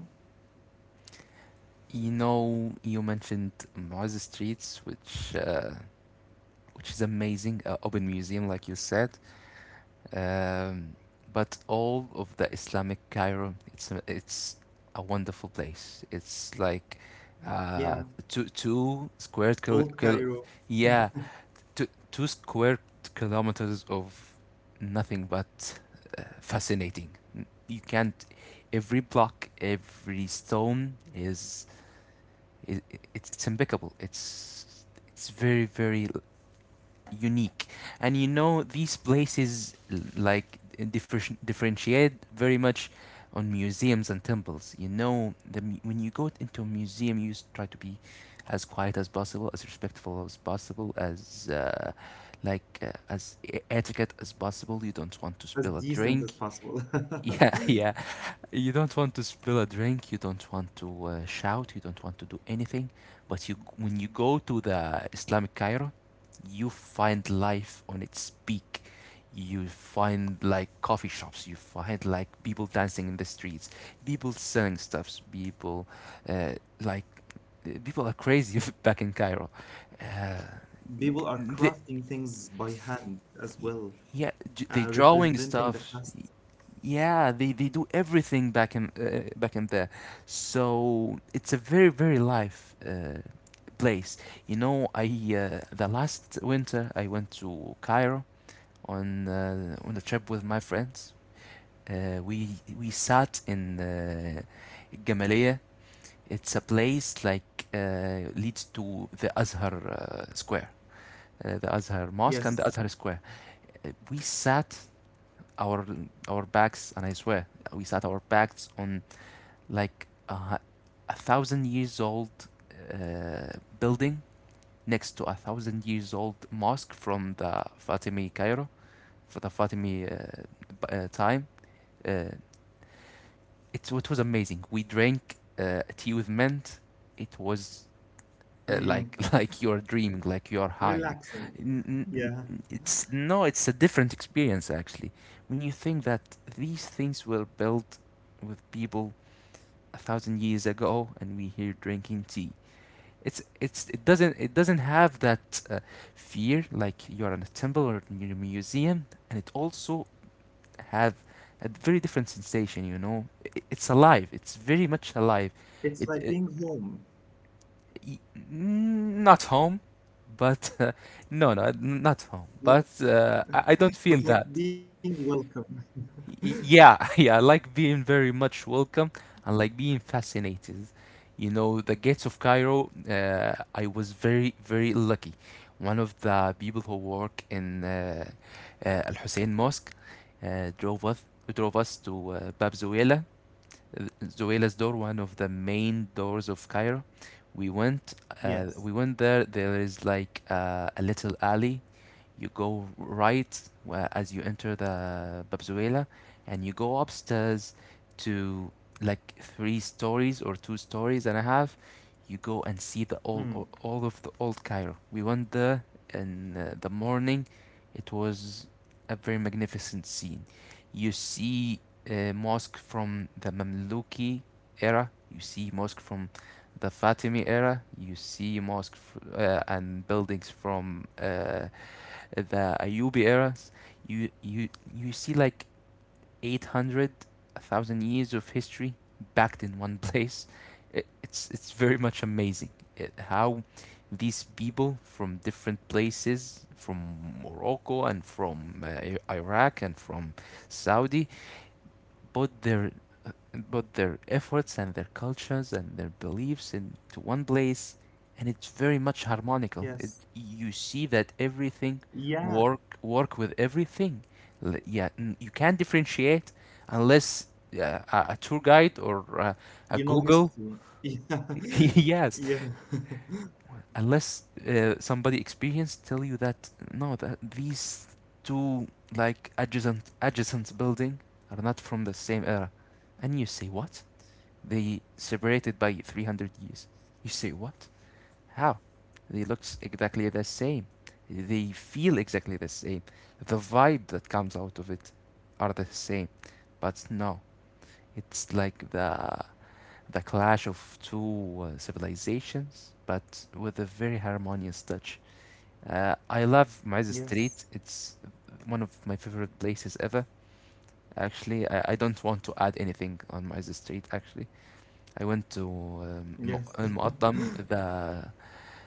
Speaker 2: You know, you mentioned Muaz Streets, which is amazing, open museum, like you said. Um, but all of the Islamic Cairo, it's a wonderful place. It's like uh,
Speaker 1: Yeah,
Speaker 2: two square
Speaker 1: old Cairo,
Speaker 2: yeah, two square kilometers of nothing but fascinating. You can't every block, every stone is it, it's impeccable. It's very, very unique, and you know these places like differentiate very much on museums and temples. You know, when you go into a museum, you try to be as quiet as possible, as respectful as possible, as etiquette as possible. You don't want to
Speaker 1: as
Speaker 2: spill a
Speaker 1: decent
Speaker 2: drink.
Speaker 1: as
Speaker 2: *laughs*
Speaker 1: possible.
Speaker 2: Yeah,
Speaker 1: *laughs*
Speaker 2: yeah. You don't want to spill a drink. You don't want to shout. You don't want to do anything. But you, when you go to the Islamic Cairo, you find life on its peak. You find like coffee shops. You find like people dancing in the streets. People selling stuffs. People uh, like people are crazy *laughs* back in Cairo. Uh,
Speaker 1: People are
Speaker 2: the
Speaker 1: crafting things by hand as
Speaker 2: Y-
Speaker 1: well,
Speaker 2: Yeah, they drawing
Speaker 1: representing the
Speaker 2: stuff.
Speaker 1: past.
Speaker 2: Yeah, they do everything back in back in there. So it's a very, very live place. You know, I the last winter I went to Cairo on a trip with my friends. Uh, we we sat in Gamaleya. It's a place like leads to the Azhar Square, the Azhar Mosque and the Azhar
Speaker 1: Yes,
Speaker 2: Square. We sat our our backs, and I swear we sat our backs on like a thousand years old uh, building next to a thousand years old mosque from the Fatimi Cairo for the Fatimi time. Uh, it was amazing. We drank tea with mint. It was like
Speaker 1: mm,
Speaker 2: *laughs* like you're dreaming, like you're high.
Speaker 1: relaxing.
Speaker 2: N- n- n-
Speaker 1: Yeah,
Speaker 2: It's no, it's a different experience actually. When you think that these things were built with people a thousand years ago, and we here drinking tea, it doesn't have that fear like you're in a temple or in a museum, and it also have a very different sensation. You know, it's alive. It's very much alive. It,
Speaker 1: it's
Speaker 2: it
Speaker 1: like being home,
Speaker 2: y- Not home, but *laughs* no, no, not home. But
Speaker 1: yeah.
Speaker 2: uh, I, I don't feel that.
Speaker 1: But like being welcome.
Speaker 2: Yeah, *laughs* yeah, I like being very much welcome and like being fascinated. You know, the gates of Cairo, I was very, very lucky. One of the people who work in Al Hussein Mosque drove us to Bab Zuwaylah uh, door, one of the main doors of Cairo. We went, we
Speaker 1: Yes,
Speaker 2: went there. There is like a little alley. You go right as you enter the Bab Zoela, and you go upstairs to like three stories or two stories and a half, you go and see the
Speaker 1: mm,
Speaker 2: all of the old Cairo. We went there in the morning. It was a very magnificent scene. You see a mosque from the Mamluki era. You see mosque from the Fatimi era. You see mosque and buildings from the Ayyubi eras. You you you see like 800, 1000 years of history backed in one *laughs* place. It's very much amazing, how these people from different places, from Morocco and from Iraq and from Saudi, both their uh, both their efforts and their cultures and their beliefs into one place, and it's very much harmonical. It,
Speaker 1: yes,
Speaker 2: you see that everything
Speaker 1: yeah,
Speaker 2: work with everything. Yeah, you can't differentiate unless a tour guide or a
Speaker 1: you know
Speaker 2: google
Speaker 1: history. *laughs*
Speaker 2: *laughs* yes,
Speaker 1: Yeah, yeah, *laughs*
Speaker 2: unless somebody experienced tell you that no, that these two like adjacent building are not from the same era, and you say what, they separated by 300 years, you say what, how, they looks exactly the same, they feel exactly the same, the vibe that comes out of it are the same, but no, it's like the clash of two civilizations, but with a very harmonious touch. I love Maize
Speaker 1: yes,
Speaker 2: Street. It's one of my favorite places ever. Actually, I don't want to add anything on Maize Street. Actually, I went to
Speaker 1: yes. *laughs*
Speaker 2: Muqaddam. The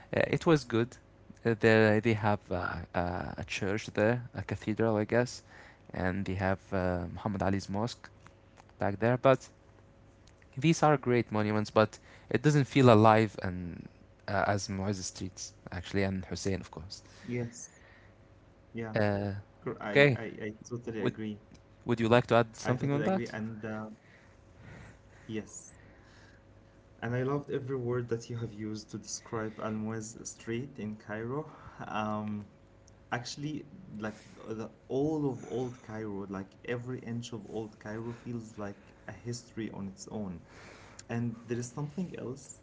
Speaker 2: It was good. There they have a church there, a cathedral, I guess, and they have Muhammad Ali's mosque back there. But these are great monuments, but it doesn't feel alive and as Mu'izz streets actually, and Hussein, of course.
Speaker 1: Yes, yeah,
Speaker 2: Uh, okay.
Speaker 1: I
Speaker 2: Would
Speaker 1: totally agree.
Speaker 2: Would you like to add
Speaker 1: I totally
Speaker 2: something on
Speaker 1: agree.
Speaker 2: that?
Speaker 1: And yes, and I loved every word that you have used to describe Al Muez Street in Cairo. Um, actually, like the all of old Cairo, like every inch of old Cairo feels like a history on its own. And there is something else.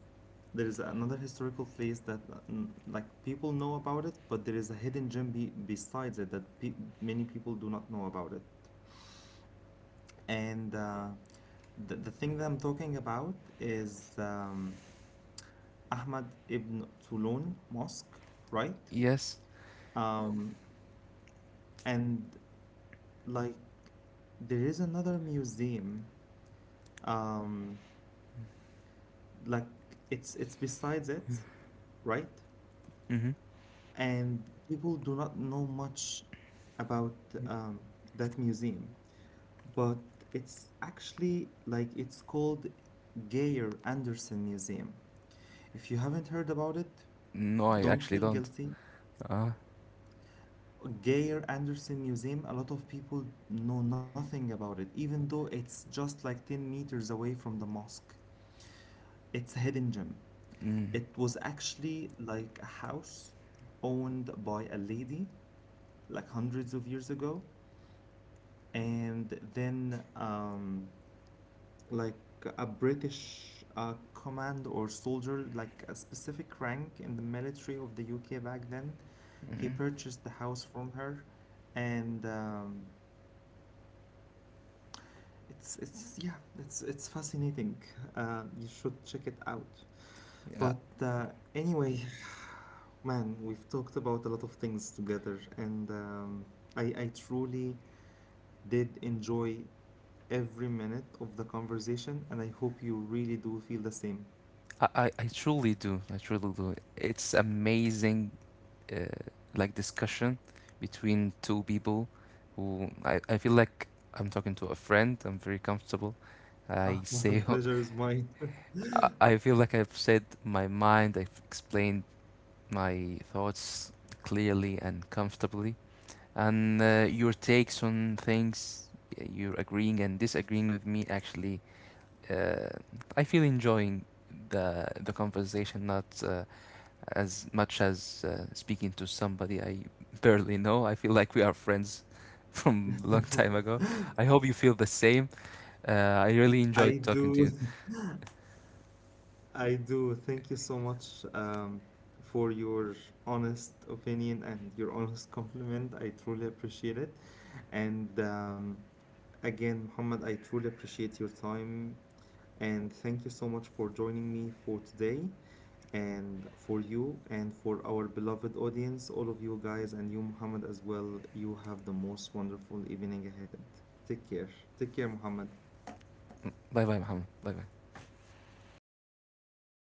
Speaker 1: There is another historical place that like people know about it, but there is a hidden gem be besides it that pe many people do not know about it. And the thing that I'm talking about is Ahmad ibn Tulun Mosque, right?
Speaker 2: Yes.
Speaker 1: Um, and, like, there is another museum, um, like it's besides it, right?
Speaker 2: Mm-hmm.
Speaker 1: And people do not know much about um, that museum, but it's actually, like, it's called Geyer Anderson Museum. If you haven't heard about it,
Speaker 2: No, I
Speaker 1: don't
Speaker 2: actually
Speaker 1: feel
Speaker 2: don't.
Speaker 1: guilty.
Speaker 2: Ah.
Speaker 1: Geyer Anderson Museum, a lot of people know nothing about it, even though it's just like 10 meters away from the mosque. It's a hidden gem.
Speaker 2: Mm.
Speaker 1: It was actually like a house owned by a lady like hundreds of years ago, and then like a British command or soldier, like a specific rank in the military of the UK back then, he
Speaker 2: Mm.
Speaker 1: purchased the house from her and it's yeah, it's fascinating. You should check it out. But
Speaker 2: Yeah.
Speaker 1: anyway, man, we've talked about a lot of things together, and I truly did enjoy every minute of the conversation, and I hope you really do feel the same.
Speaker 2: I truly do. I truly do. It's amazing, uh, like discussion between two people who I feel like I'm talking to a friend. I'm very comfortable.
Speaker 1: Ah, *laughs*
Speaker 2: I *laughs*
Speaker 1: my
Speaker 2: say
Speaker 1: pleasure is mine.
Speaker 2: I feel like I've said my mind, I've explained my thoughts clearly and comfortably, and your takes on things, you're agreeing and disagreeing with me, actually, uh, I feel enjoying the conversation, not as much as speaking to somebody I barely know. I feel like we are friends *laughs* from a long time ago.
Speaker 1: *laughs*
Speaker 2: I hope you feel the same. Uh, I really
Speaker 1: I
Speaker 2: enjoyed
Speaker 1: do.
Speaker 2: talking to you.
Speaker 1: I do. Thank you so much, for your honest opinion and your honest *laughs* compliment. I truly appreciate it. And again, Muhammad, I truly appreciate your time. And thank you so much for joining me for today and for you and for our beloved audience, all of you guys, and you, Muhammad, as well. You have the most wonderful evening ahead. Take care. Take care, Muhammad.
Speaker 2: Bye bye, Muhammad. Bye bye.